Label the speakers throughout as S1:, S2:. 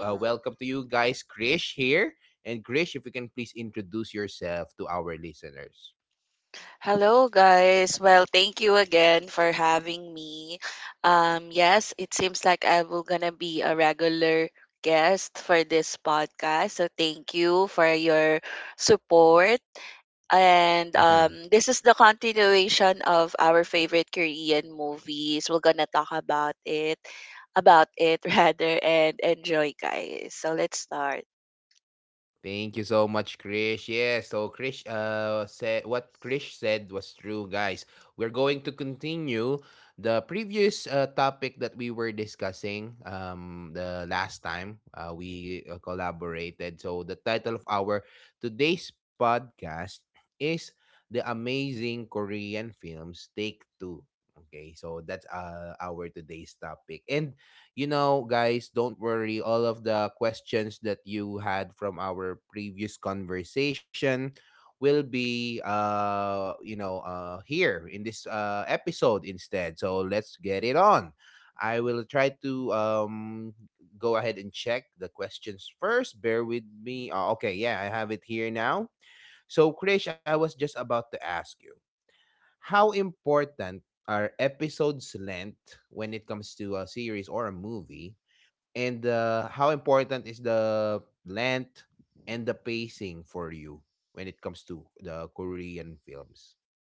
S1: Mhm. Hello, guys. Well, thank you again for having me. Yes, it seems like I will gonna be a regular guest for this podcast. So thank you for your support. And This is the continuation of our favorite Korean movies. We're gonna talk about it, rather, and enjoy, guys. So let's start.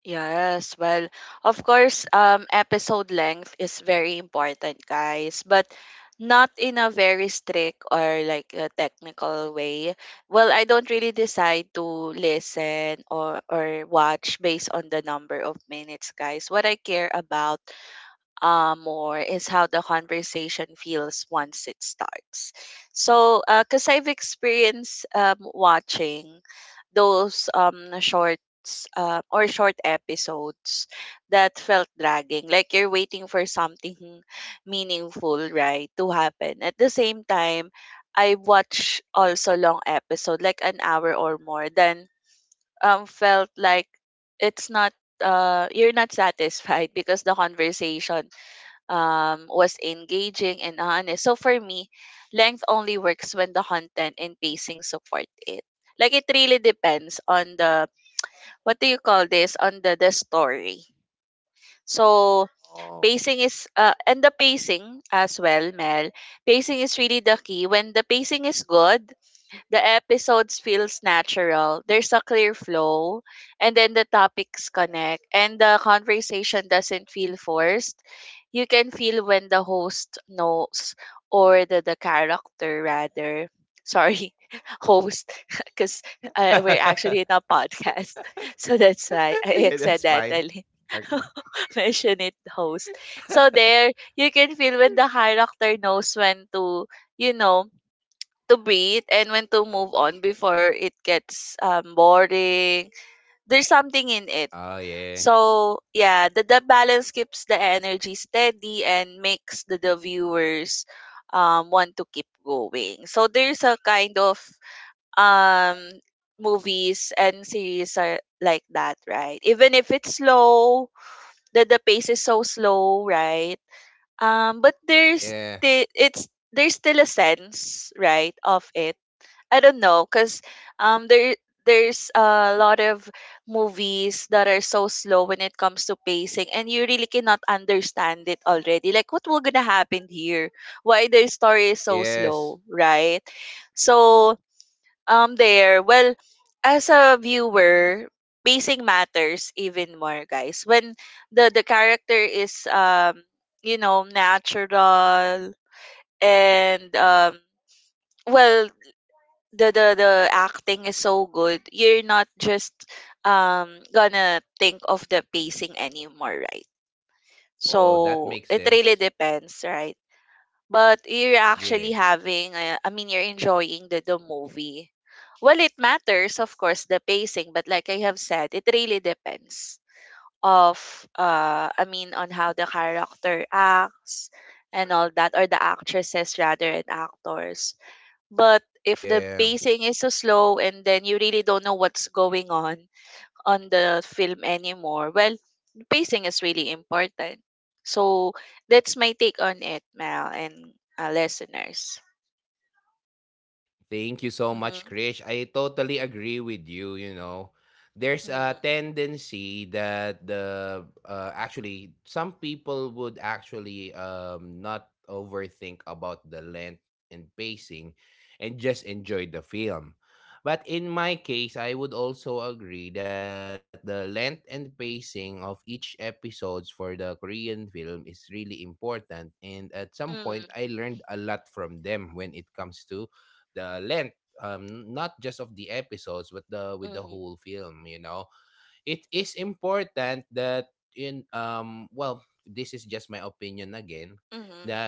S1: Yes, well, of course, episode length is very important, guys, but not in a very strict or like a technical way. Well, I don't really decide to listen or watch based on the number of minutes, guys. What I care about or is how the conversation feels once it starts. So, because I've experienced watching those shorts or short episodes that felt dragging, like you're waiting for something meaningful, right, to happen. At the same time, I watch also long episode, like an hour or more, then felt like it's not you're not satisfied because the conversation was engaging and honest. So for me, length only works when the content and pacing support it. Like it really depends on the what do you call this, on the story. So pacing is and the pacing as well, Mel. Pacing is really the key. When the pacing is good, the episodes feels natural. There's a clear flow and then the topics connect and the conversation doesn't feel forced. You can feel when the host knows or the character rather. Sorry, host, because we're actually in a podcast. So that's why I accidentally mention it host. So there, you can feel when the character knows when to, you know, to breathe and when to move on before it gets boring. There's something in it. So yeah, the balance keeps the energy steady and makes the viewers want to keep going. So there's a kind of um, movies and series are like that, right? Even if it's slow, the pace is so slow, right? But it's there's still a sense, right, of it. I don't know, cause um there there's a lot of movies that are so slow when it comes to pacing, and you really cannot understand it already. Like, what will gonna happen here? Why the story is so slow, right? So there. Well, as a viewer, pacing matters even more, guys. When the character is you know natural and well the acting is so good, you're not just gonna think of the pacing anymore, right? So it really depends, right? But you're actually having I mean you're enjoying the movie. Well it matters of course the pacing, but like I have said it really depends of I mean on how the character acts and all that, or the actresses rather and actors. But if the pacing is so slow and then you really don't know what's going on the film anymore, well, pacing is really important. So that's my take on it, Mel and listeners. Mm-hmm. Mm-hmm. Mm-hmm. Mm-hmm.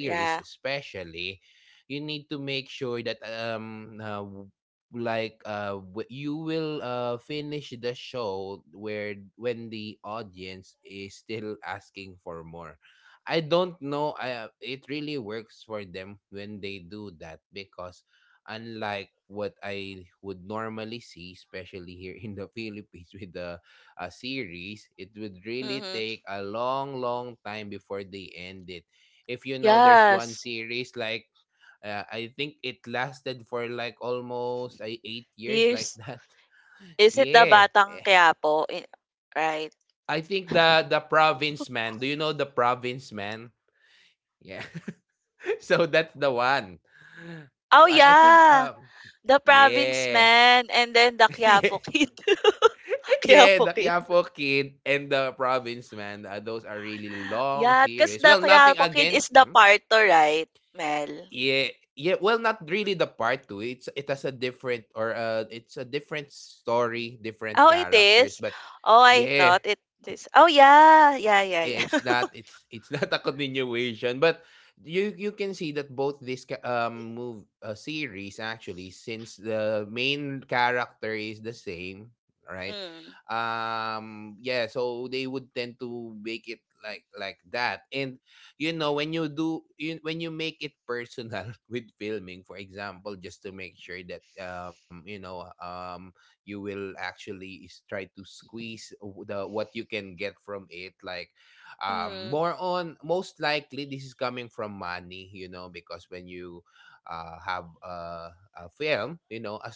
S1: Yeah. Mm-hmm. Yes. Years. Is it the Batang Quiapo? Right. Oh, yeah. The province man and then the Quiapo kid. Quiapo kid. Yeah, because the Quiapo Kid is the Parto, right, Mel? Oh, it is? Oh, I thought it is. Oh, yeah. Yeah, yeah, yeah. Mm, mm,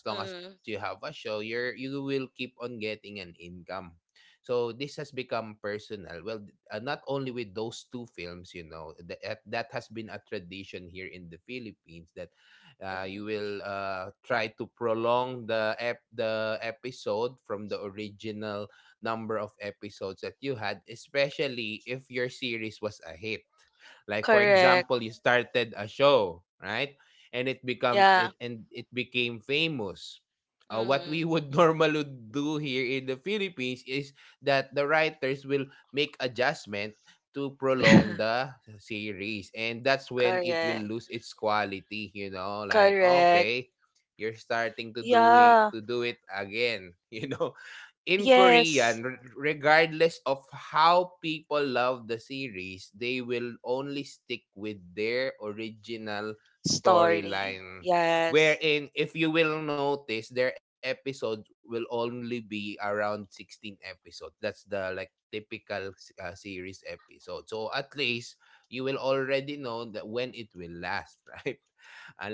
S1: mm, mhm. Correct. Yeah. Mhm. Correct. Correct. Yeah. Yes. Story. Yes.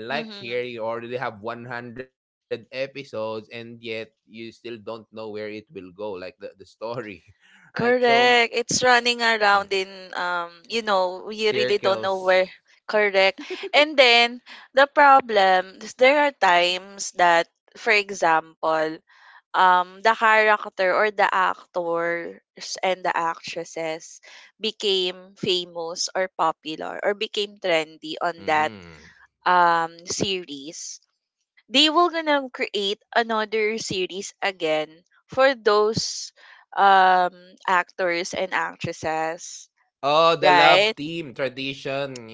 S1: Mm-hmm. Correct. It's running around in you know, you really don't know where. Correct. And then the problem is there are times that, for example, the character or the actors and the actresses became famous or popular or became trendy on that series, they will gonna create another series again for those um actors and actresses, right?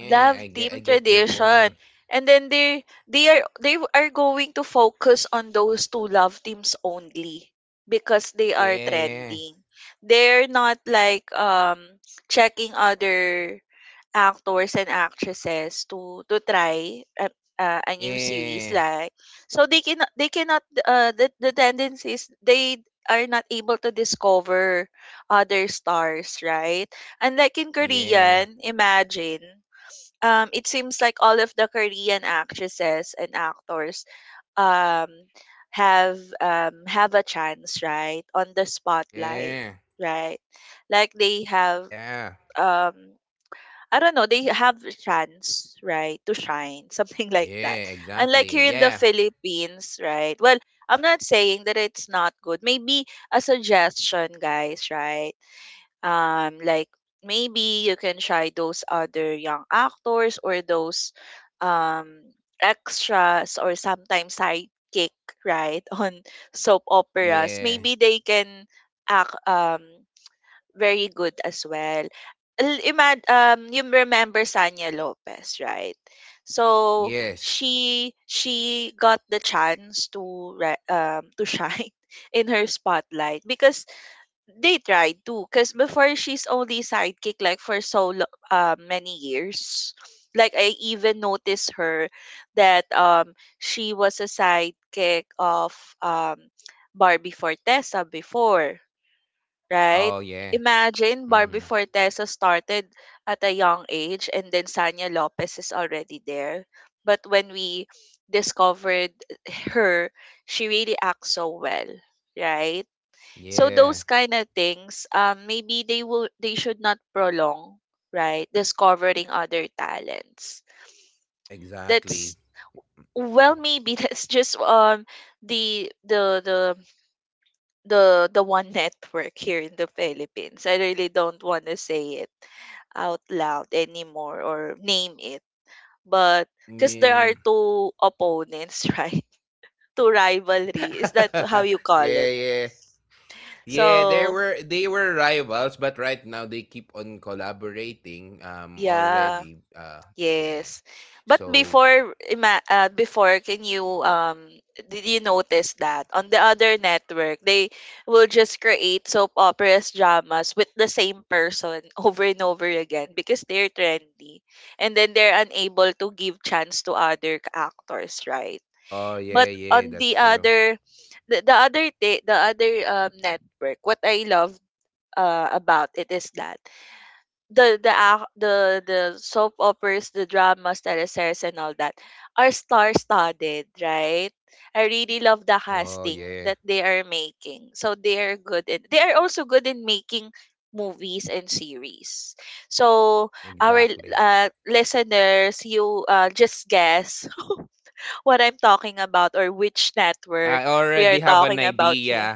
S1: Love team tradition. And then they are going to focus on those two love teams only because they are trending. They're not like checking other actors and actresses to try a new series like. So they cannot the tendency is they are not able to discover other stars, right? And like in Korean, imagine it seems like all of the Korean actresses and actors um have a chance, right, on the spotlight, right? Like they have um I don't know, they have the chance, right, to shine, something like that. Unlike here in the Philippines, right? Well, I'm not saying that it's not good. Maybe a suggestion, guys, right? Like maybe you can try those other young actors or those um extras or sometimes sidekick, right, on soap operas. Maybe they can act very good as well. You remember Sanya Lopez, right? So she got the chance to to shine in her spotlight because they tried to. Because before she's only sidekick like for many years. Like I even noticed her that she was a sidekick of um Barbie Fortesa before, right? Imagine Barbie Fortesa started at a young age and then Sanya Lopez is already there. But when we discovered her, she really acts so well, right? So those kind of things, maybe they should not prolong, right? Discovering other talents. That's well, maybe that's just the the the the one network here in the Philippines. I really don't want to say it out loud anymore or name it. But because there are two opponents, right? Two rivalry. Is that how you call it? So yeah. Yes. But before, can you did you notice that on the other network they will just create soap operas dramas with the same person over and over again because they're trendy, and then they're unable to give chance to other actors, right? But on the other, the other day, the other network, what I love about it is that the soap operas, the dramas, teleseries, and all that are star-studded, right? I really love the casting that they are making. So they are also good in making movies and series. So our listeners, you just guess what I'm talking about or which network we are talking about here.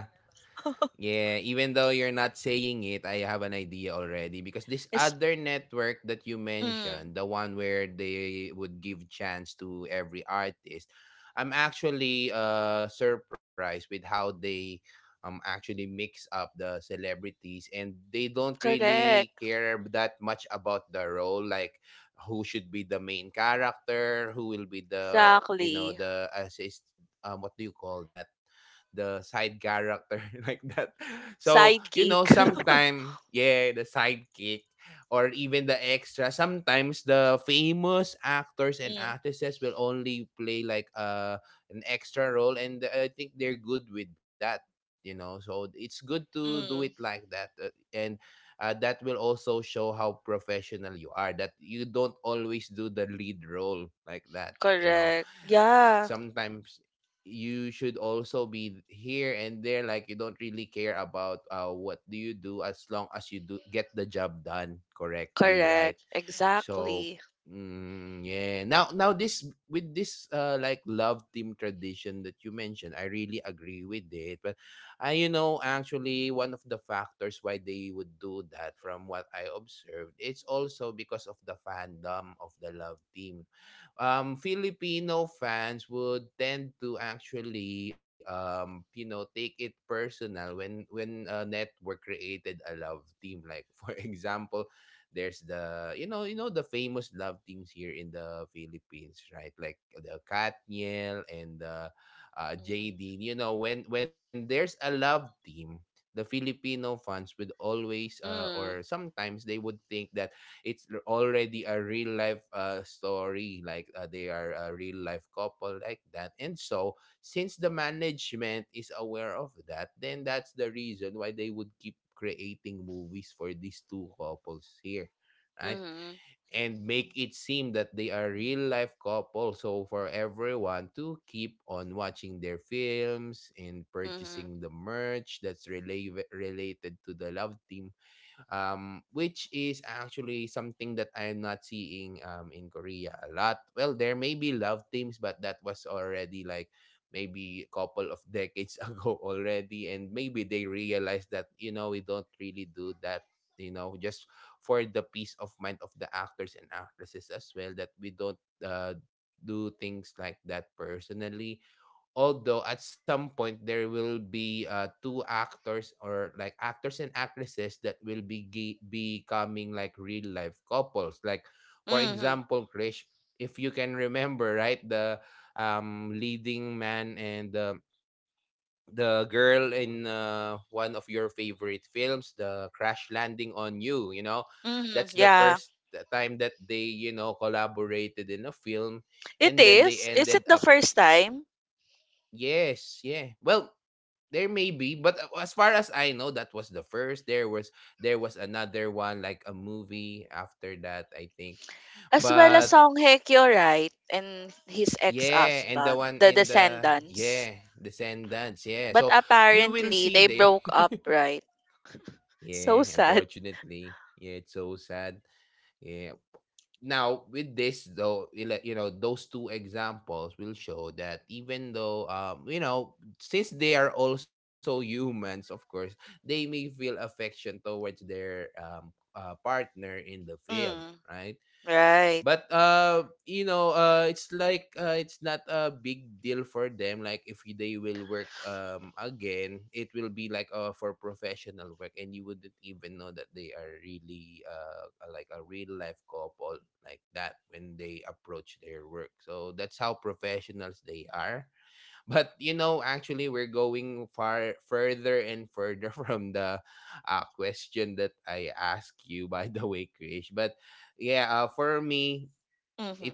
S1: Is mm, correct. Exactly. Sidekick. Mm, correct. Yeah, correct. Exactly. Mm, mm, mhm, mhm, mhm, mhm. Yeah, it is. Is it the first time? As well as Song Hye Kyo, right? And his ex-husband, the Descendants. But apparently, they broke up, right? So sad. Mm, right. Mm-hmm.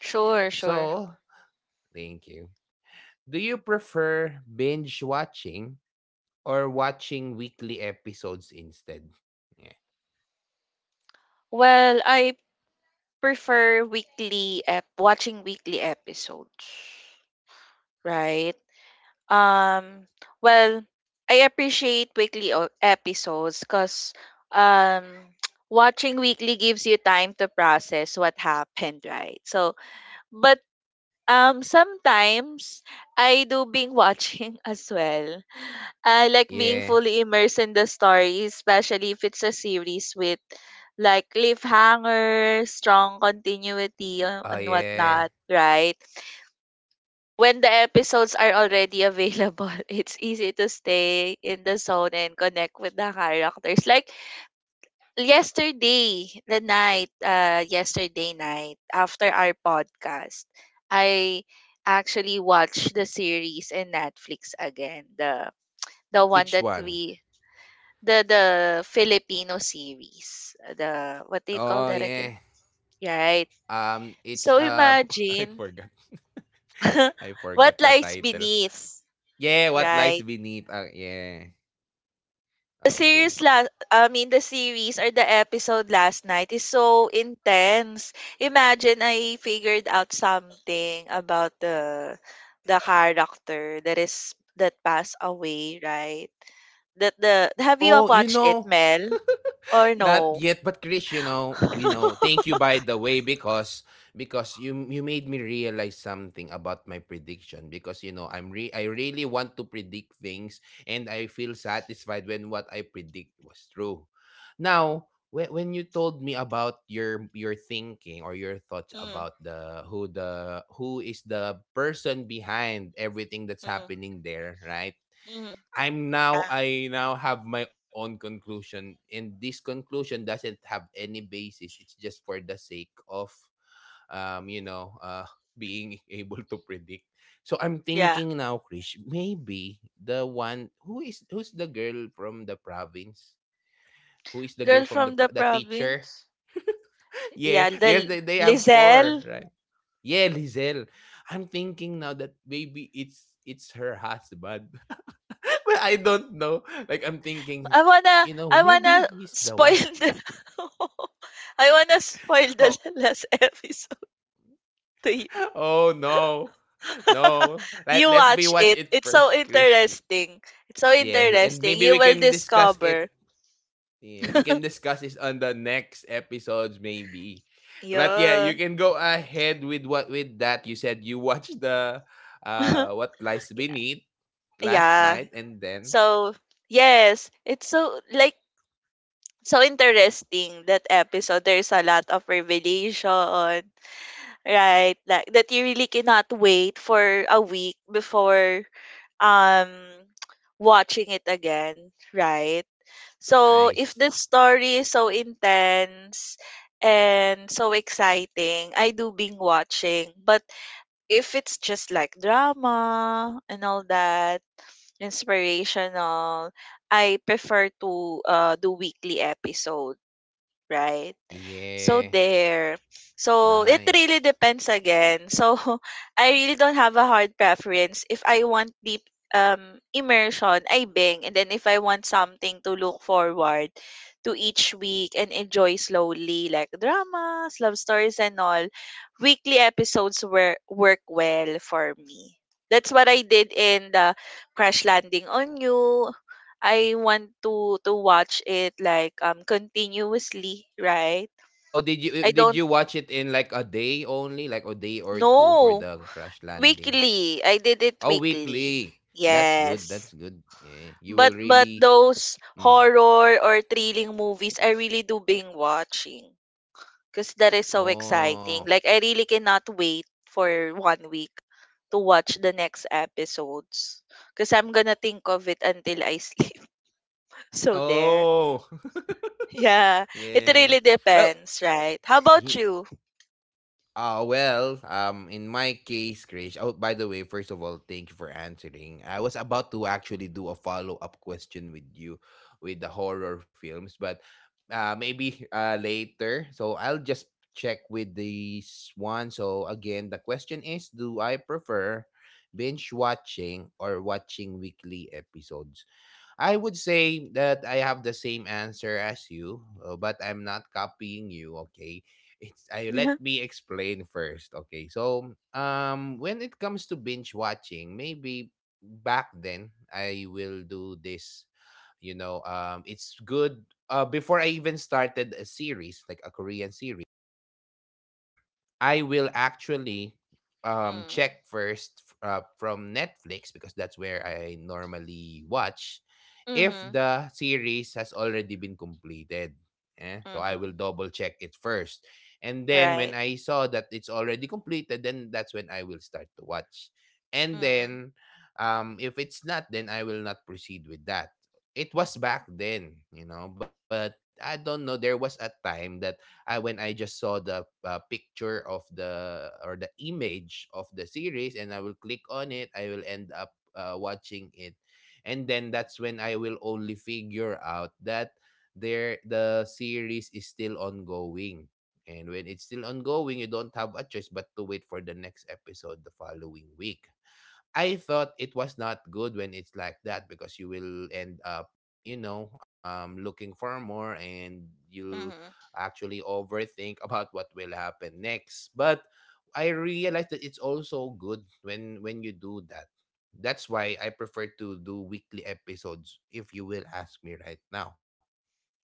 S1: Sure, sure. Well, I prefer weekly ep watching weekly episodes. Right. Um, well, I appreciate weekly episodes because um, watching weekly gives you time to process what happened, right? So, but sometimes I do being watching as well. I like being fully immersed in the story, especially if it's a series with like cliffhanger, strong continuity, and whatnot, right? When the episodes are already available, it's easy to stay in the zone and connect with the characters. Like yesterday, yesterday night after our podcast, I actually watched the series in Netflix again. The one that we the Filipino series. The what do you call that again? Yeah, right. So imagine what lies beneath, right? The series or the episode last night is so intense. Imagine I figured out something about the character that is that passed away, right? That the Have you watched it, Mel? Or no? Mm, mm, mm. Yeah. Yeah. Girl from the province. Yeah, Lizelle. I wanna I wanna spoil the I wanna spoil the last episode to you. You watch it. It's so interesting. It's so interesting. You will discover. Yeah. Yeah. So yes, it's so interesting that episode. There's a lot of revelation, right? Like that you really cannot wait for a week before um watching it again, right? So if the story is so intense and so exciting, I do being watching. But if it's just like drama and all that inspirational, I prefer to do weekly episode, right? So there. So it really depends again. So I really don't have a hard preference. If I want deep immersion, I bang. And then if I want something to look forward to each week and enjoy slowly, like dramas, love stories and all, weekly episodes were work well for me. That's what I did in the Crash Landing on You. I want to watch it like continuously, right? I don't know. Weekly. I did it weekly. Yes. But those horror or thrilling movies I really do being watching because that is so exciting. Like I really cannot wait for 1 week to watch the next episodes because I'm gonna think of it until I sleep. So there. Yeah, it really depends, right? How about you? Mm. Mm-hmm. Mm-hmm. Right. Mm-hmm. Mm-hmm.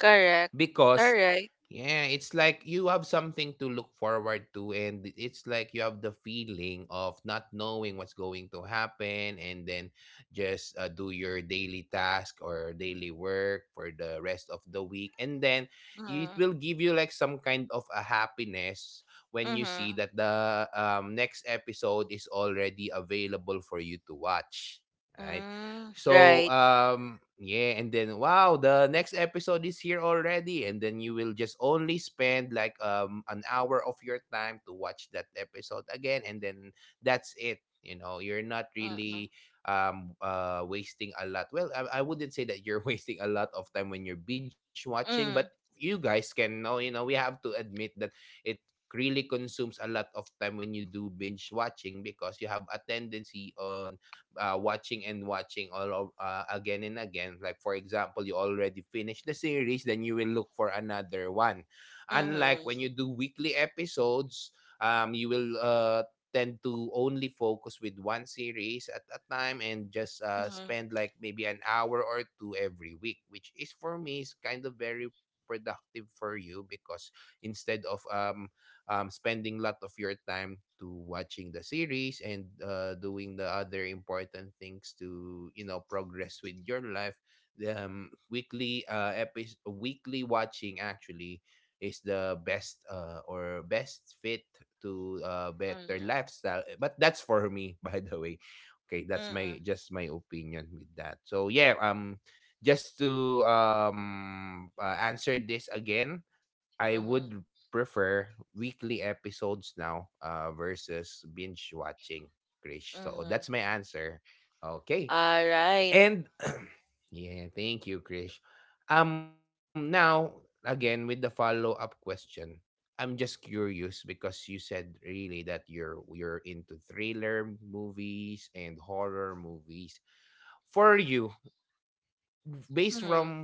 S1: Correct. Alright. Mm. Mhm. Mm. Right. Mm-mm. Mm. Mhm. Mhm. Mhm. Mm-mm. Mhm. Mhm. Alright. Mm.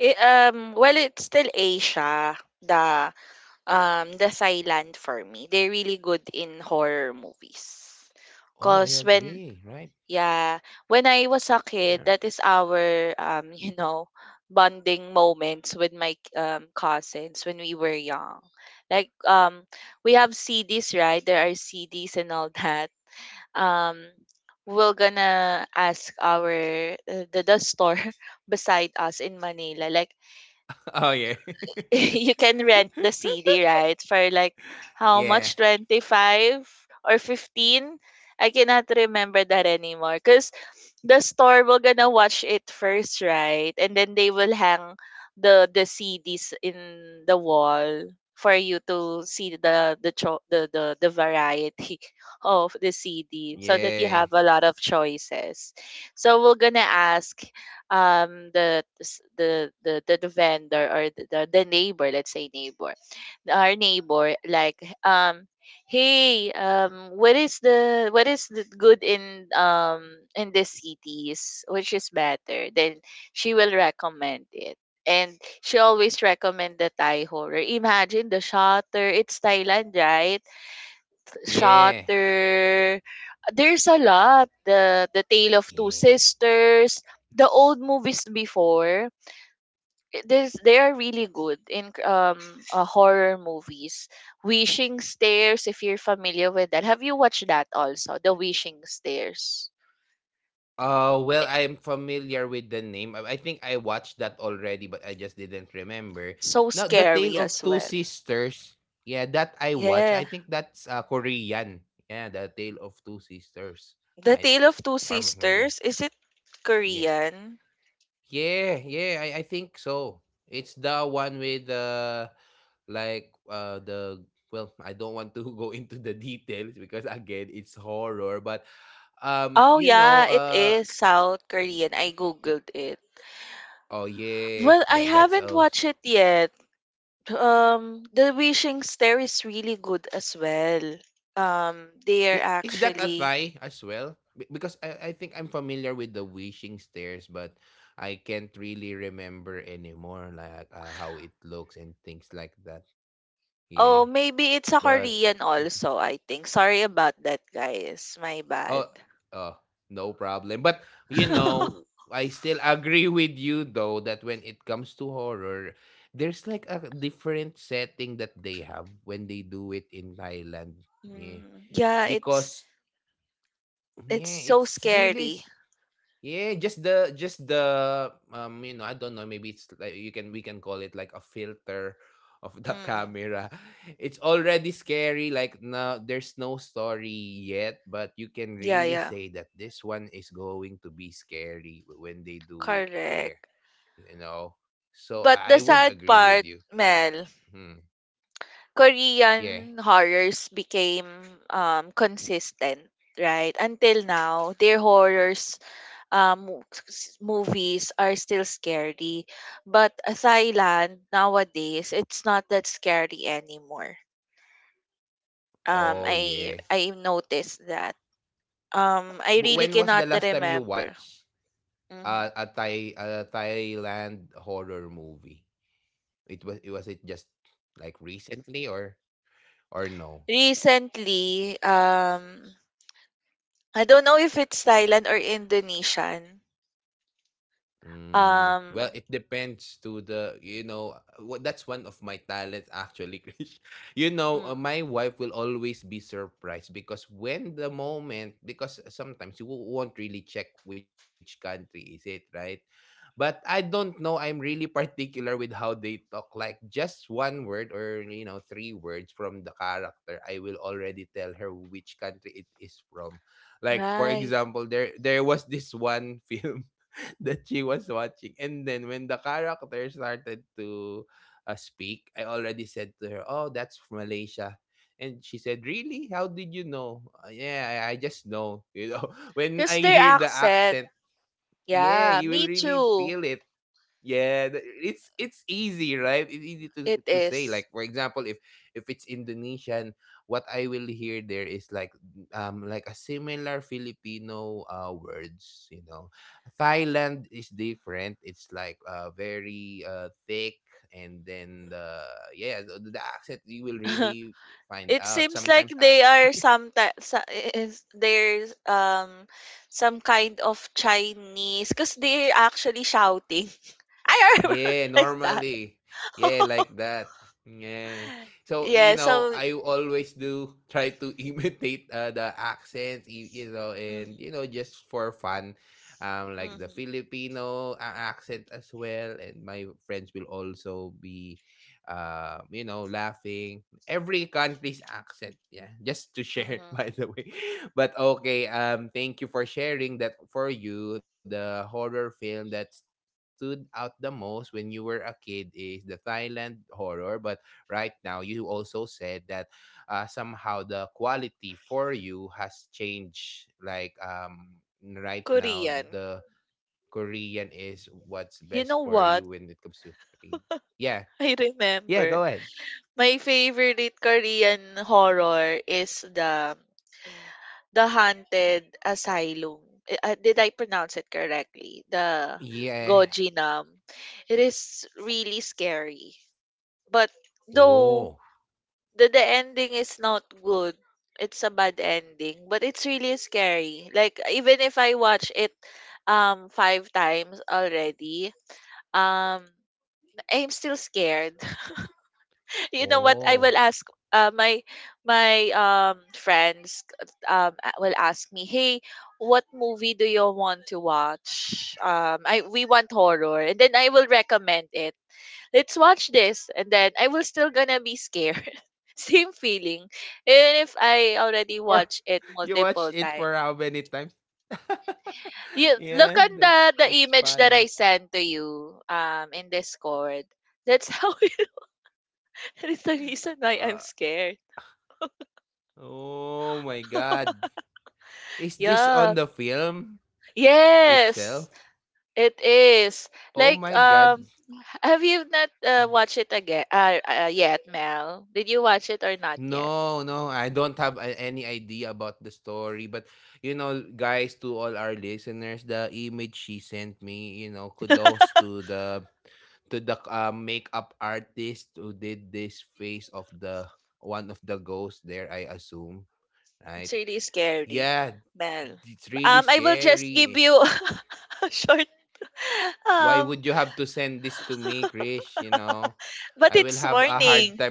S1: It, well it's still Asia the the Thailand for me. They're really good in horror movies. Cause when. Yeah. When I was a kid, that is our bonding moments with my cousins when we were young. Like, we have CDs, right? There are CDs and all that. Um we're gonna ask our the store beside us in Manila like you can rent the CD, right? For like how much? 25 or 15? I cannot remember that anymore. Because the store will gonna watch it first, right? And then they will hang the CDs in the wall for you to see the variety of the CD so that you have a lot of choices. So we're gonna ask the vendor or the neighbor, let's say neighbor, our neighbor, like um hey, what is the, what is the good in the cities, which is better then she will recommend it. And she always recommend the Thai horror. Imagine the shutter. It's Thailand, right? Shutter. There's a lot. The Tale of Two Sisters. The old movies before, this they are really good in horror movies. Wishing Stairs, if you're familiar with that, have you watched that also? The Wishing Stairs, so scary as well. Yeah, The Tale of Two Sisters. Is it Korean? Oh yeah, it is South Korean. I googled it. Well, I haven't watched it yet. The Wishing Stair is really good as well. They are actually. Oh, maybe it's a Korean also, I think. Sorry about that, guys. My bad. Mm, yeah, it's so scary. Mm, yeah, yeah. Correct. But the sad part, Mel, Korean horrors became consistent, right? Until now, their horrors movies are still scary but Thailand nowadays it's not that scary anymore. I noticed that. I really cannot remember. Mhm. Recently, I don't know if it's Thailand or Indonesian. um mm, right, because their accent, yeah, me too, it is. It seems like they are some ta- sa- is there's some kind of Chinese because they're actually shouting. I remember like that. Yeah, so mhm, mhm, mhm. Korean. You know what? I remember my favorite Korean horror is The Haunted Asylum. Eh, uh, did I pronounce it correctly? The Gojinam. It is really scary. But though the ending is not good, it's a bad ending, but it's really scary. Like even if I watch it five times already, um I'm still scared. You know what? I will ask uh, my my friends will ask me, "Hey, what movie do you want to watch?" I we want horror, and then I will recommend it. Let's watch this, and then I will still gonna be scared. Same feeling, even if I already watch it multiple times. You look on the image that I sent to you in Discord. That's how. That's the reason why I'm scared. Yeah. Yes, it is. Like, have you not watched it again? Yet, Mel? Did you watch it or not yet? It's really scary, Mel. I will just give you a short. Um, but it's warning,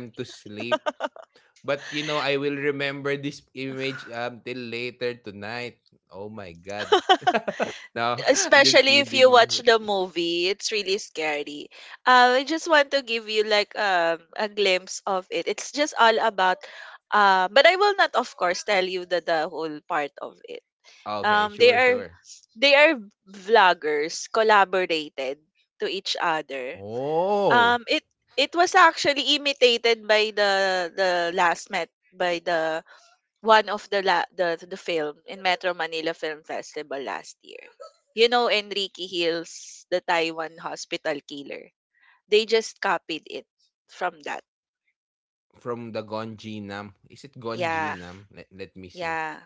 S1: especially if you watch the movie. It's really scary. I just want to give you like a glimpse of it. It's just all about. But I will not, of course, tell you the whole part of it. They are they are vloggers collaborated to each other. It it was actually imitated by the last met by the one of the la, the film in Metro Manila Film Festival last year. You know Enrique Hill's the Taiwan hospital killer, they just copied it from that. Yeah. Yeah.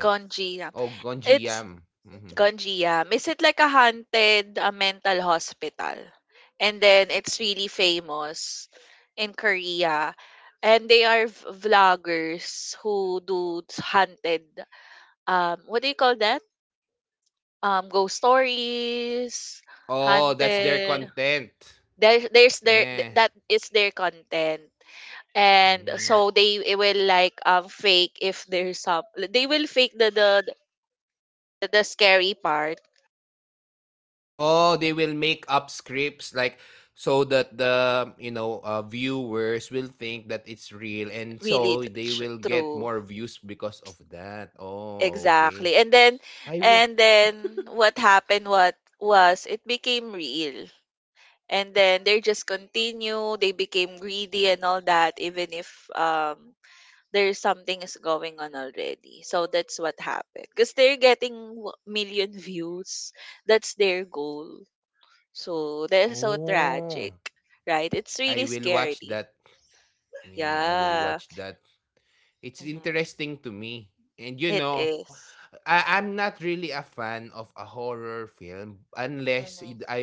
S1: Gonji, yeah. It's Ganji, yeah. Is it like a haunted mental hospital? And then it's really famous in Korea. And they are vloggers who haunted, what do you call that? Ghost stories, haunted. There's that is their content. And so they it will like fake, if there's some they will fake the scary part really true. Exactly. And then what happened, what was it, became real. And then they just continue, they became greedy and all that, even if there's something is going on already. So that's what happened. Because they're getting million views. That's their goal. So they're so tragic, right? It's really scary. Yeah. Mhm. It is. Mm-hmm.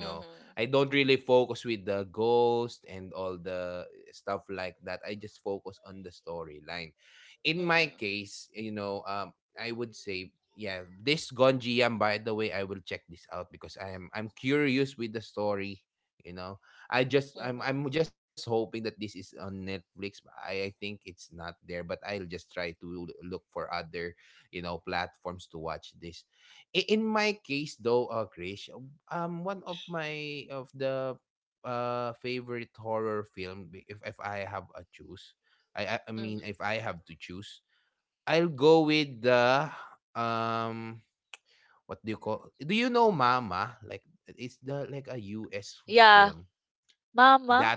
S1: Mm-hmm. Mm-hmm. Mm-hmm. Mm-hmm. Yeah, mama.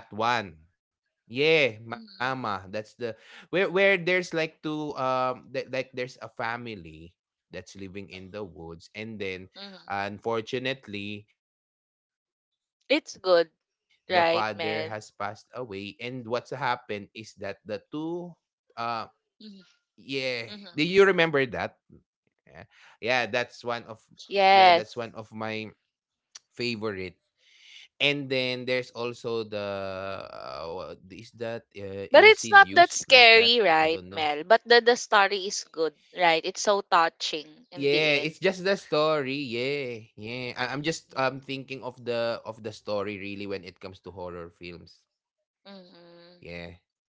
S1: Mhm, mhm. It's good, right, Mel? Mhm, mhm. Yes. But it's not that scary, right, Mel? But the story is good, right? It's so touching in the end. Mm-hmm.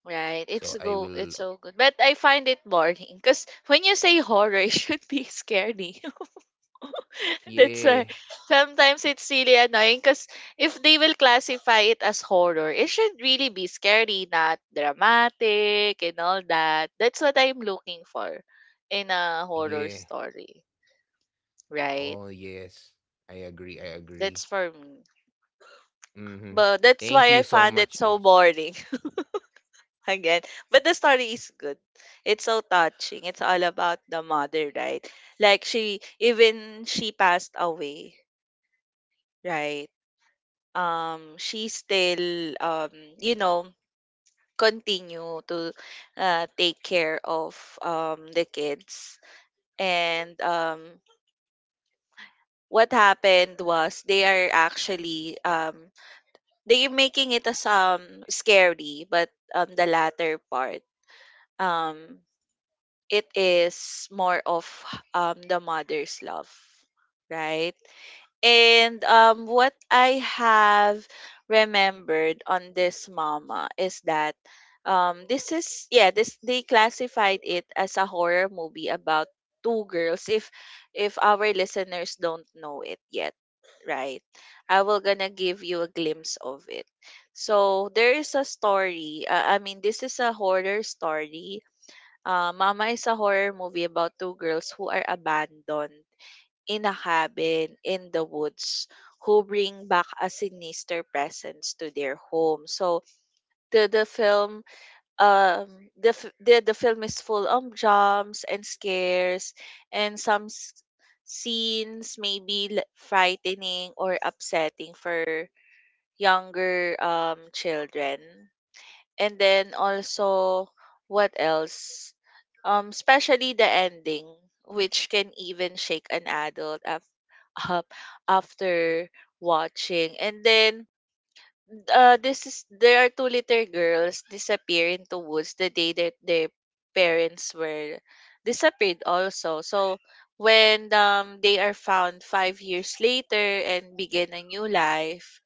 S1: Right. It's go it's so good. But I find it boring because when you say horror, it should be scary. That's why sometimes it's really annoying because if they will classify it as horror, it should really be scary, not dramatic and all that. That's what I'm looking for in a horror story, right? Mhm. That's for me. But that's why I found it so boring again. But the story is good. It's so touching. It's all about the mother, right? Like, she even she passed away, right? She still, you know, continue to take care of the kids. And what happened was they are actually, they are making it as scary, but the latter part, um, it is more of the mother's love, right? And what I have remembered on this mama is that this is, yeah, this they classified it as a horror movie about two girls. If our listeners don't know it yet, right? I will gonna give you a glimpse of it. So there is a story. I mean, this is a horror story. Mama is a horror movie about two girls who are abandoned in a cabin in the woods, who bring back a sinister presence to their home. So the film, um the film is full of jumps and scares, and some scenes maybe frightening or upsetting for younger children, and then also what else? Especially the ending, which can even shake an adult up after watching. And then this is, there are two little girls disappear into woods the day that their parents were disappeared also. So when they are found 5 years later and begin a new life,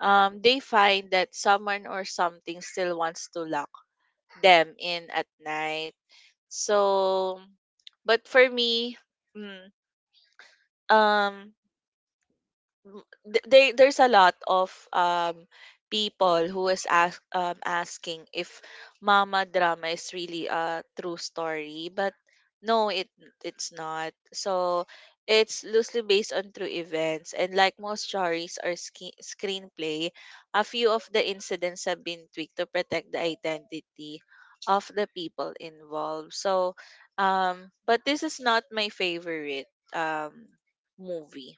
S1: they find that someone or something still wants to love them in at night. So, but for me, mm, um, they there's a lot of people who is asking if mama drama is really a true story, but no, it it's not. So it's loosely based on true events, and like most stories or screenplay, a few of the incidents have been tweaked to protect the identity of the people involved. So but this is not my favorite um movie,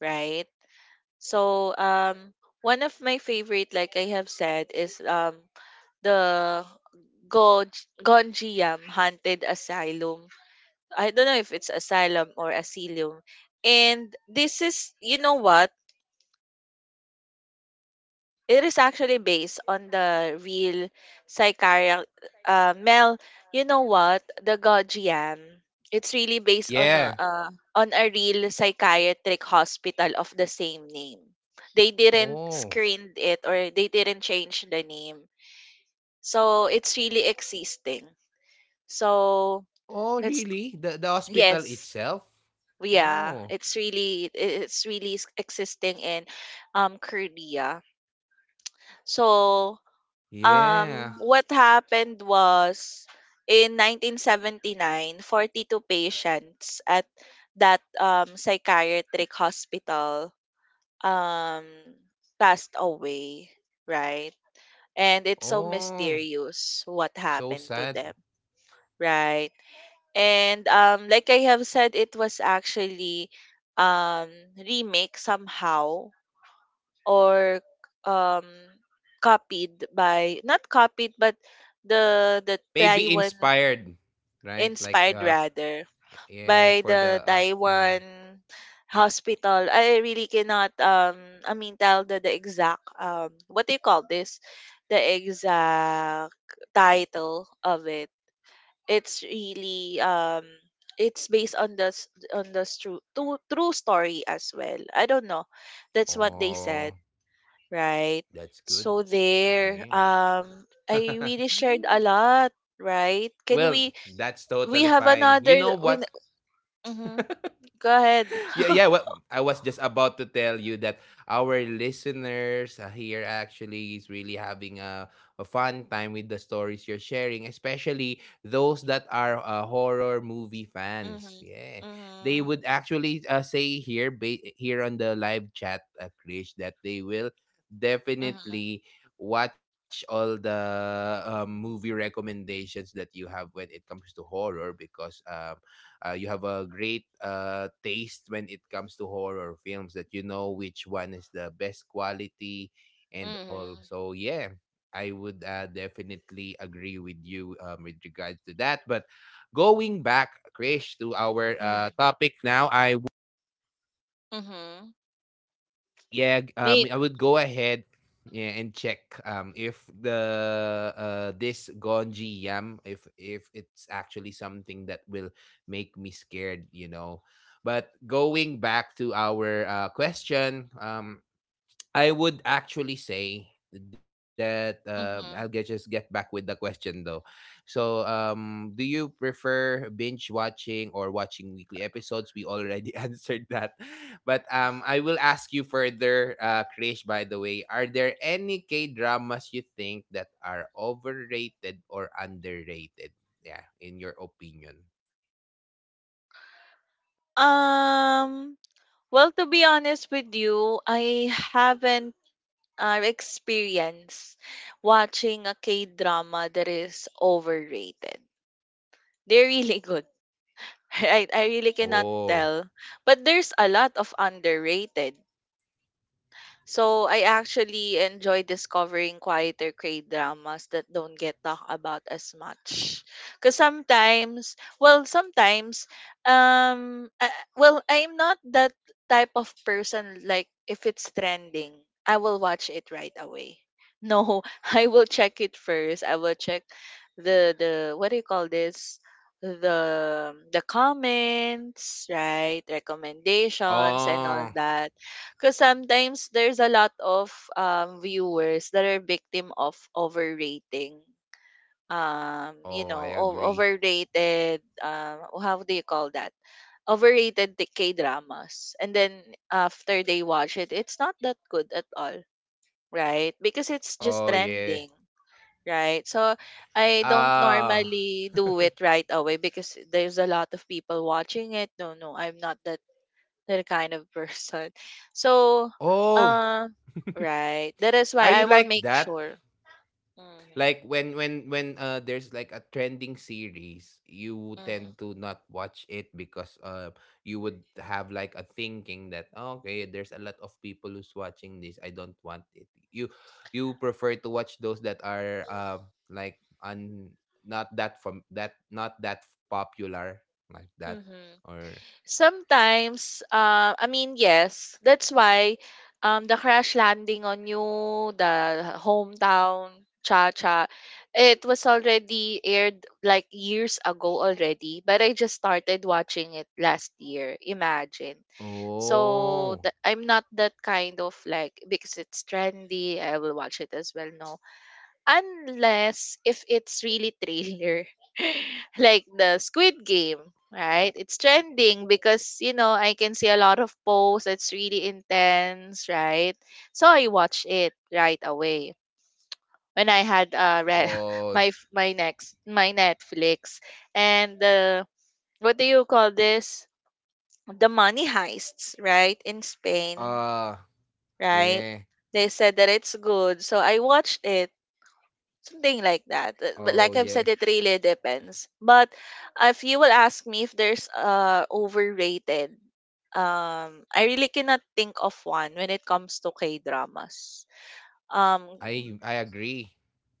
S1: right? So, one of my favorite, like I have said, is the Goj Gonjiam Haunted Asylum. I don't know if it's asylum or asylum. And this is, you know what? It is actually based on the real Sicaria. Mel, you know what? The Gojiam. It's really based
S2: Yeah.
S1: on a real psychiatric hospital of the same name. They didn't
S2: Oh.
S1: screen it or they didn't change the name. So it's really existing. So
S2: Oh,
S1: it's
S2: really? The hospital
S1: yes,
S2: itself?
S1: yeah,
S2: Oh.
S1: it's really existing in Korea. So
S2: Yeah.
S1: what happened was in 1979, 42 patients at that psychiatric hospital, um, passed away, right? And it's so
S2: Oh,
S1: mysterious what
S2: so
S1: happened to them,
S2: sad.
S1: right? And like I have said, it was actually, um, remake somehow or um copied by, not copied but the
S2: Maybe
S1: Taiwan,
S2: inspired, right? Like
S1: inspired rather, by
S2: yeah, for
S1: the
S2: the
S1: Taiwan hospital. I really cannot I mean tell the exact what do you call this? The exact title of it. It's really it's based on the on the true, true story as well. I don't know. That's what they
S2: Oh,
S1: said, right?
S2: that's good.
S1: So there,
S2: Yeah.
S1: I really shared a lot, right? Can
S2: Well, that's
S1: we
S2: totally
S1: have
S2: fine. You
S1: another
S2: know
S1: when
S2: what?
S1: mm-hmm. Go ahead.
S2: Yeah, yeah. Well, I was just about to tell you that our listeners here actually is really having a fun time with the stories you're sharing, especially those that are horror movie fans.
S1: Mm-hmm.
S2: Yeah, they
S1: Mm-hmm.
S2: would actually say here, here on the live chat, Krish, that they will
S1: Mm-hmm.
S2: definitely watch all the movie recommendations that you have when it comes to horror because you have a great taste when it comes to horror films that you know which one is the best quality and all.
S1: Mm-hmm.
S2: So yeah, I would definitely agree with you with regard to that. But going back, Krish, to our topic now,
S1: Mm-hmm. May
S2: I would go ahead, yeah, and check if the this Gonji yam if it's actually something that will make me scared, you know. But going back to our question, I would actually say that just
S1: mm-hmm.
S2: get back with the question though. So, do you prefer binge watching or watching weekly episodes? We already answered that, but I will ask you further, Krish. By the way, are there any K dramas you think that are overrated or underrated? Yeah, in your opinion.
S1: Um well, to be honest with you, I haven't experienced watching a K drama that is overrated. They're really good. I really cannot
S2: Oh,
S1: tell. But there's a lot of underrated. So I actually enjoy discovering quieter K-dramas that don't get talked about as much. Cause sometimes, um, uh, I'm not that type of person. Like if it's trending, I will watch it right away. No, I will check it first. I will check the what do you call this? The comments, right, recommendations and all
S2: oh,
S1: that, because sometimes there's a lot of viewers that are victim of overrating.
S2: oh, I agree.
S1: Overrated. How do you call that? Overrated K dramas, and then after they watch it, it's not that good at all, right? Because it's just
S2: Oh yeah.
S1: trending, right? So I don't
S2: Ah.
S1: normally do it right away because there's a lot of people watching it. No, no, I'm not that kind of person. So,
S2: Oh,
S1: uh, right. That is
S2: are
S1: why
S2: you
S1: I will
S2: like
S1: make
S2: that?
S1: sure. Mhm,
S2: Like when there's like a trending series, you
S1: mhm,
S2: tend to not watch it because you would have like a thinking that "Oh, okay, there's a lot of people who's watching this. I don't want it." You prefer to watch those that are like un not that from that not that popular like that
S1: mhm.
S2: or
S1: Sometimes, yes, that's why the crash landing on you, the hometown, cha cha, it was already aired like years ago already, but I just started watching it last year. Imagine. So that
S2: oh
S1: I'm not that kind of like because it's trendy, I will watch it as well. No, unless if it's really thriller, like the Squid Game, right? It's trending because, you know, I can see a lot of posts. It's really intense, right? So I watch it right away when I had
S2: oh
S1: my f- my next my Netflix, and the what do you call this? The money heists, right? In Spain,
S2: uh
S1: right?
S2: yeah
S1: They said that it's good, so I watched it, something like that.
S2: oh
S1: But
S2: yeah
S1: like I've said, it really depends. But if you will ask me if there's overrated, I really cannot think of one when it comes to K dramas. Um,
S2: I agree.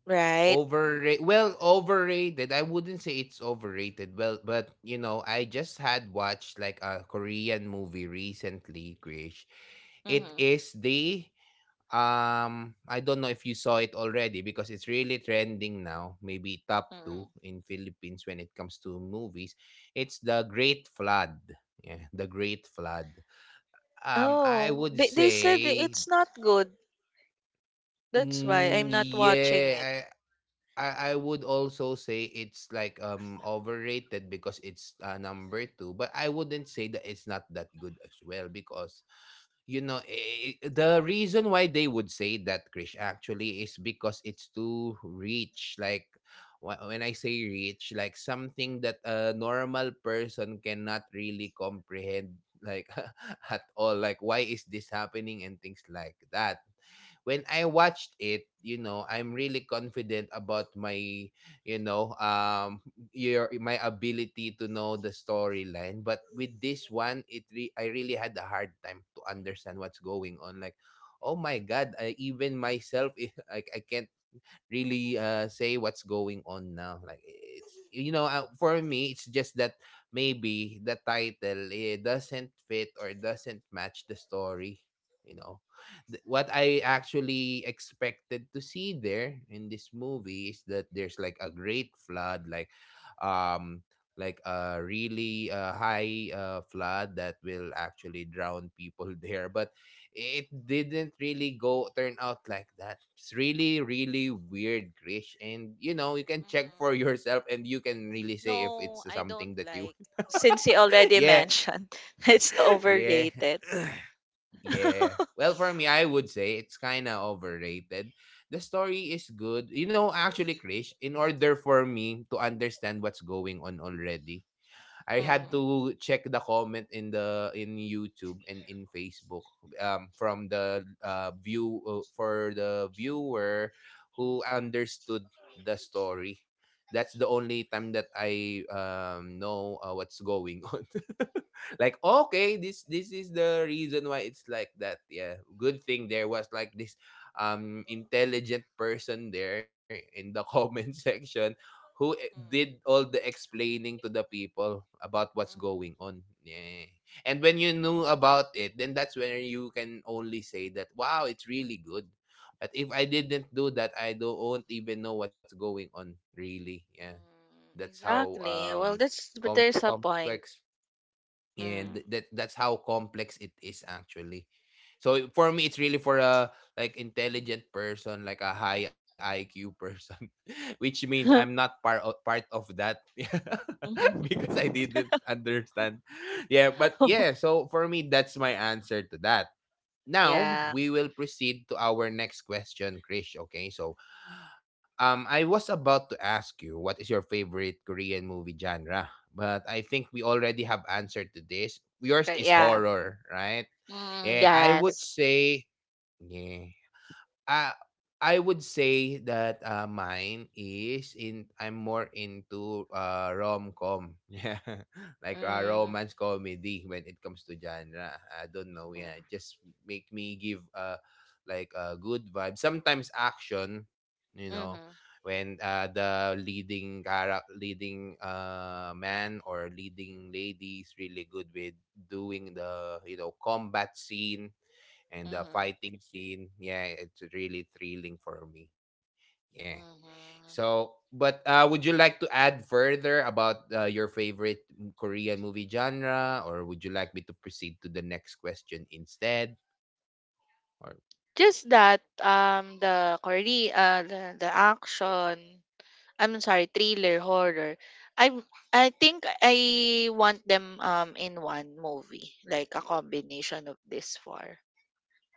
S1: right?
S2: Overrated. Well, overrated. I wouldn't say it's overrated. Well, but you know, I just had watched like a Korean movie recently, Krish. It
S1: Mm-hmm.
S2: is the I don't know if you saw it already because it's really trending now, maybe top 2
S1: Mm-hmm.
S2: in Philippines when it comes to movies. It's The Great Flood. Yeah, The Great Flood. Um, I
S1: Oh,
S2: would
S1: they said
S2: say
S1: it's not good. That's why I'm
S2: mm,
S1: not watching it.
S2: yeah, I would also say it's like overrated because it's number two, but I wouldn't say that it's not that good as well because you know the reason why they would say that, Krish, actually is because it's too rich, like when I say rich, like something that a normal person cannot really comprehend, like at all, like why is this happening and things like that. When I watched it, you know, I'm really confident about my you know your my ability to know the storyline, but with this one I really had a hard time to understand what's going on, like oh my god, I even myself I can't really say what's going on now. Like it's, you know, for me, it's just that maybe the title, it doesn't fit or doesn't match the story. You know, what I actually expected to see there in this movie is that there's like a great flood, um like a really high flood that will actually drown people there, but it didn't really go turn out like that. It's really, really weird, Krish. And you know, you can check
S1: Mhm.
S2: for yourself and you can really say if
S1: No,
S2: it's
S1: I don't
S2: something that you
S1: like. Since he already
S2: yeah.
S1: mentioned, it's
S2: Yeah.
S1: overrated.
S2: Yeah. Well, for me I would say it's kinda overrated. The story is good. You know, actually, Krish, in order for me to understand what's going on already, I had
S1: Mm-hmm.
S2: to check the comment in the in YouTube and in Facebook from the view for the viewer who understood the story. That's the only time that I know what's going on. Like okay, this is the reason why it's like that. Yeah, good thing there was like this intelligent person there in the comment section who did all
S1: Mm-hmm.
S2: the explaining to the people about what's going on. Yeah. And when you knew about it, then that's where you can only say that, wow, it's really good. But if I didn't do that, I don't won't even know what's going on, really. Yeah. That's
S1: Mm-hmm.
S2: how
S1: Exactly. Well, that's but
S2: com-
S1: there's a point.
S2: complex And
S1: Mm.
S2: that's how complex it is actually. So for me, it's really for a like intelligent person, like a high IQ person, which means I'm not part of that because
S1: Mhm.
S2: I didn't understand. Yeah, but yeah. So for me, that's my answer to that. Now
S1: Yeah.
S2: we will proceed to our next question, Krish. Okay, so I was about to ask you what is your favorite Korean movie genre, but I think we already have answered to this. Yours
S1: Okay,
S2: is
S1: yeah.
S2: horror, right?
S1: Mm,
S2: Yeah, I would
S1: yes.
S2: say yeah. I I would say that mine is in I'm more into rom com, yeah, like
S1: Mm,
S2: romance comedy when it comes to genre. I don't know, yeah, it
S1: mm,
S2: just make me give like a good vibe. Sometimes action, you know,
S1: mhm,
S2: when the leading leading man or leading lady is really good with doing the you know combat scene and the
S1: mhm,
S2: fighting scene. Yeah, it's really thrilling for me. Yeah.
S1: mhm.
S2: So, but would you like to add further about your favorite Korean movie genre, or would you like me to proceed to the next question instead? Or
S1: Just that the Korea the action, I'm sorry, thriller, horror, I I think I want them in one movie, like a combination of this four,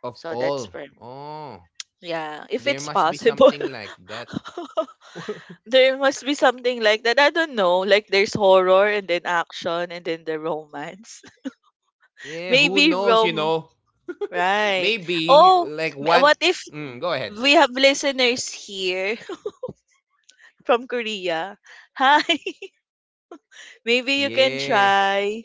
S2: of
S1: so that's
S2: all?
S1: for me.
S2: Oh,
S1: Yeah, if
S2: there
S1: it's
S2: must be
S1: possible.
S2: something like that.
S1: There must be something like that. I don't know. Like there's horror and then action and then the romance.
S2: Yeah, who
S1: Maybe
S2: knows? You
S1: rom
S2: know,
S1: right.
S2: maybe
S1: Oh,
S2: like one.
S1: what if
S2: Mm, go ahead.
S1: we have listeners here from Korea? Hi. Maybe you can
S2: Yeah.
S1: try.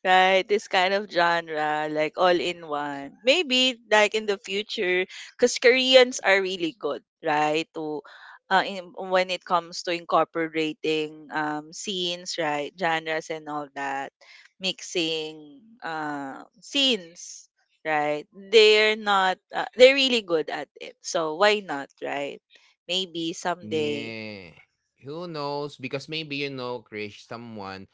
S1: Right, this kind of genre, like all in one. Maybe like in the future, because Koreans are really good, right? To when it comes to incorporating scenes, right, genres and all that, mixing scenes, right? They're not, they're really good at it. So why not, right? Maybe
S2: Yeah.
S1: someday.
S2: Who knows? Because maybe, you know, Krish, someone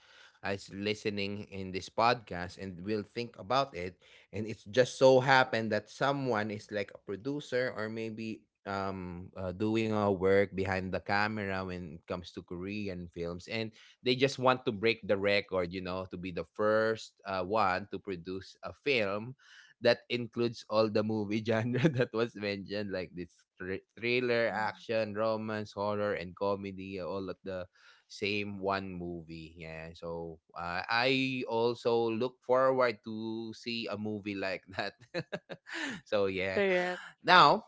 S2: is listening in this podcast and will think about it. And it's just so happened that someone is like a producer or maybe doing a work behind the camera when it comes to Korean films. And they just want to
S1: Mhm.
S2: break the record, you know, to be the first one to produce a film that includes all the movie genre that was mentioned, like this thriller,
S1: Mm,
S2: action, romance, horror, and comedy, all at the same one movie. Yeah, so I also look forward to see a movie like that. So yeah,
S1: correct.
S2: now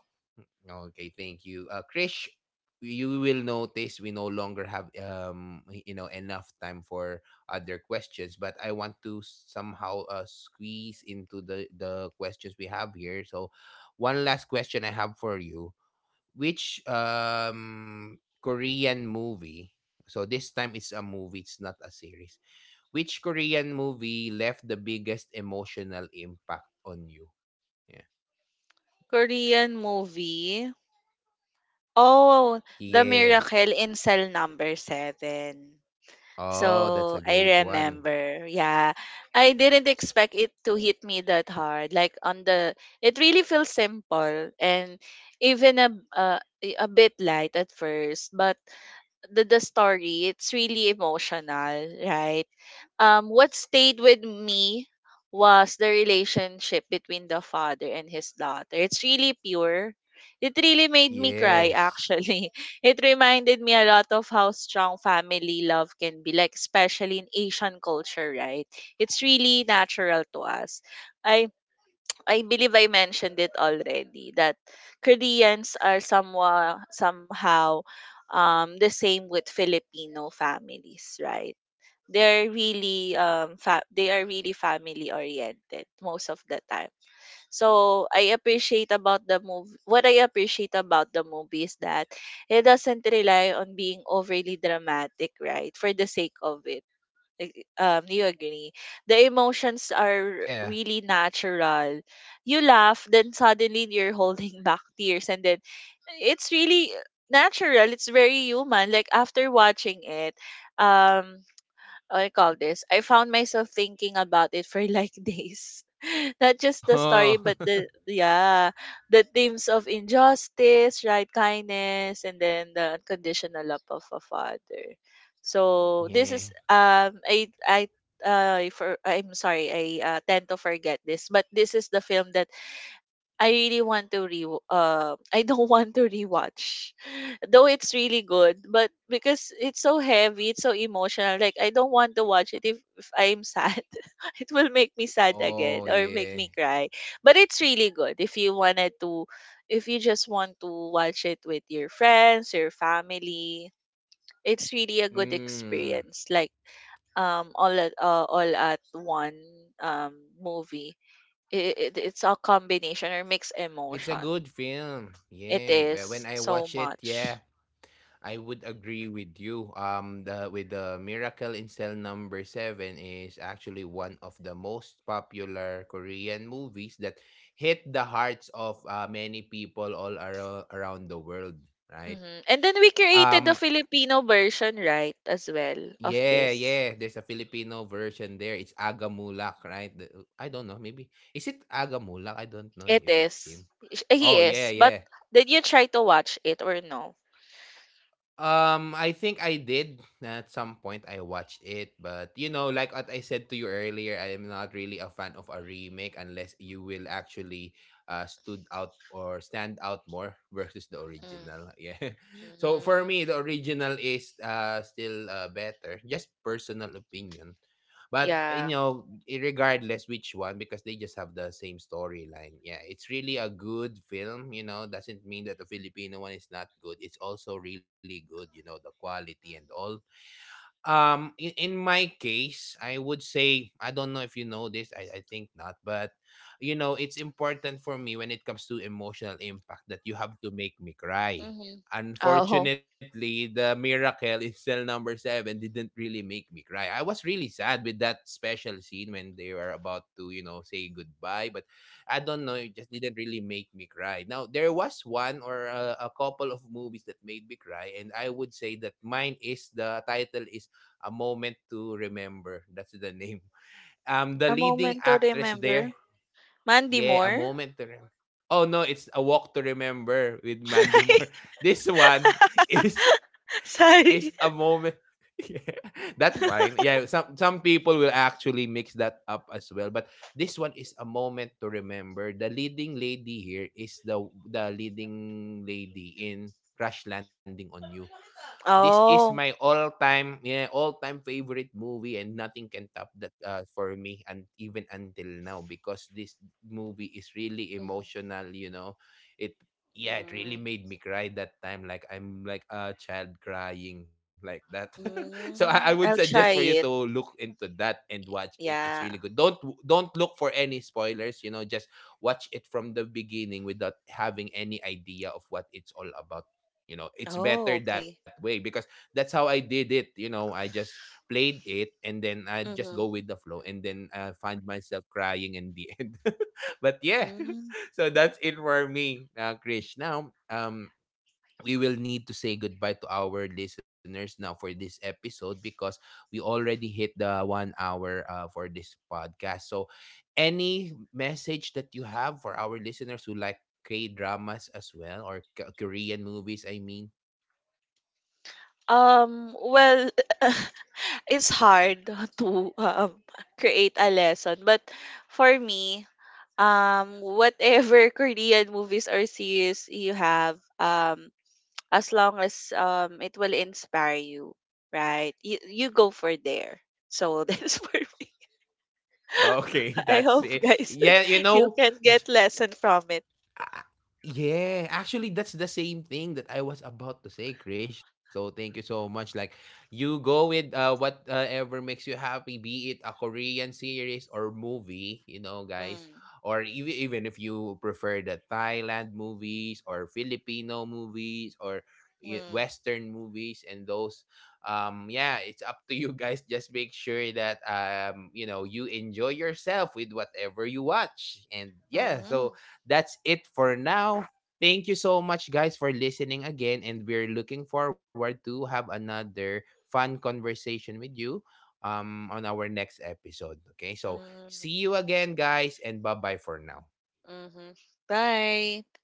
S2: okay, thank you. Krish, you will notice we no longer have enough time for other questions, but I want to somehow squeeze into the questions we have here. So, one last question I have for you: Which Korean movie? So this time it's a movie, it's not a series. Which Korean movie left the biggest emotional impact on you? Yeah.
S1: Korean movie. Oh, the
S2: Yeah.
S1: miracle in cell number 7.
S2: Oh, that's a
S1: So,
S2: great
S1: I
S2: one.
S1: remember. Yeah. I didn't expect it to hit me that hard. Like on the it really feels simple and even a bit light at first, but the story, it's really emotional, right? What stayed with me was the relationship between the father and his daughter. It's really pure. It really made me cry,
S2: Yes.
S1: actually. It reminded me a lot of how strong family love can be, like, especially in Asian culture, right? It's really natural to us. I I believe I mentioned it already that Koreans are somewhat somehow the same with Filipino families, right? They're really they are really family oriented most of the time, so I appreciate about the movie, what I appreciate about the movie is that it doesn't rely on being overly dramatic, right, for the sake of it. Like, do you agree, the emotions are
S2: Yeah.
S1: really natural, you laugh then suddenly you're holding back tears, and then it's really natural, it's very human. Like after watching it, um I call this, I found myself thinking about it for like days. Not just the story,
S2: Oh.
S1: but the yeah, the themes of injustice, right, kindness, and then the unconditional love of a father. So this is
S2: Yeah.
S1: I'm sorry, I tend to forget this, but this is the film that I really want to re I don't want to rewatch. Though it's really good, but because it's so heavy, it's so emotional, like I don't want to watch it if I'm sad. It will make me sad again
S2: Oh,
S1: or make
S2: yeah.
S1: me cry. But it's really good if you wanted to, if you just want to watch it with your friends, your family. It's really a good
S2: Mm.
S1: experience. Like all at one um movie, it's a combination or mixed
S2: It's a
S1: emotion.
S2: good film.
S1: It
S2: Yeah. Well, when
S1: is
S2: I
S1: so
S2: watch it,
S1: much.
S2: yeah, I would agree with you. The with the Miracle in Cell Number Seven is actually one of the most popular Korean movies that hit the hearts of many people around the world. Right.
S1: Mhm. And then we
S2: Um,
S1: created the Filipino version, right, as well
S2: yeah,
S1: of
S2: yeah. There's
S1: this.
S2: a Filipino version there. It's Agamulak, right? I don't know. Maybe is it Agamulak? I don't know
S1: It
S2: if it's
S1: is.
S2: him.
S1: He
S2: Oh yeah,
S1: is. But
S2: yeah.
S1: did you try to watch it or no?
S2: I think I did at some point. I watched it, but you know, like what I said to you earlier, I am not really a fan of a remake unless you will actually stood out or stand out more versus the original. Yeah. So for
S1: Mm-hmm.
S2: me, the original is still better. Just personal opinion. But
S1: Yeah.
S2: you know, regardless which one, because they just have the same storyline. Yeah, it's really a good film. You know, doesn't mean that the Filipino one is not good. It's also really good. You know, the quality and all. In my case, I would say I don't know if you know this. I think not, but you know, it's important for me when it comes to emotional impact that you have to make me cry.
S1: Mm-hmm. Oh,
S2: Unfortunately, the Miracle in Cell Number Seven didn't really make me cry. I was really sad with that special scene when they were about to, you know, say goodbye, but I don't know, it just didn't really make me cry. Now, there was one or a couple of movies that made me cry, and I would say that mine is the title is A Moment to Remember. That's the name. The
S1: a
S2: leading
S1: moment to
S2: actress
S1: remember.
S2: there,
S1: Mandy
S2: yeah, A
S1: Moore?
S2: Moment to Remember. Oh no, it's A Walk to Remember with Mandy Moore. This one is
S1: Sorry.
S2: is A Moment. Yeah, that's fine. Yeah, some people will actually mix that up as well, but this one is A Moment to Remember. The leading lady here is the leading lady in Crash Landing on You. This is
S1: Oh.
S2: my all-time yeah, all-time favorite movie, and nothing can top that for me, and even until now, because this movie is
S1: Mhm.
S2: really emotional, you know, it yeah, it really made me cry that time, like I'm like a child crying like that. So, I
S1: Mm,
S2: would
S1: I'll try
S2: suggest for you
S1: it.
S2: to look into that and watch it. It's
S1: Yeah.
S2: really good. Don't look for any spoilers, you know, just watch it from the beginning without having any idea of what it's all about. You know, it's
S1: Oh,
S2: better
S1: okay.
S2: that way because that's how I did it. You know, I just played it and then I
S1: Mm-hmm.
S2: just go with the flow, and then I find myself crying in the end. But yeah,
S1: Mm-hmm.
S2: so that's it for me, Krish. Now, um, we will need to say goodbye to our listeners now for this episode because we already hit the 1 hour for this podcast. So, any message that you have for our listeners who like K dramas as well or Korean movies, I mean,
S1: Well, it's hard to create a lesson, but for me, whatever Korean movies or series you have, as long as it will inspire you, right? You go for there. So that's for me.
S2: okay,
S1: I
S2: that's
S1: hope
S2: it.
S1: guys
S2: Yeah, you
S1: you
S2: know,
S1: can get lesson from it.
S2: ah, yeah, actually, that's the same thing that I was about to say, Krish. So thank you so much. Like, you go with whatever makes you happy, be it a Korean series or movie, you know, guys.
S1: Mm,
S2: Or even if you prefer the Thailand movies or Filipino movies or
S1: mm,
S2: Western movies and those, yeah, it's up to you guys. Just make sure that you know, you enjoy yourself with whatever you watch. And yeah,
S1: mm-hmm,
S2: so that's it for now. Thank you so much, guys, for listening again. And we're looking forward to have another fun conversation with you on our next episode. Okay, so
S1: mm,
S2: see you again, guys, and bye bye for now.
S1: mm-hmm. Bye.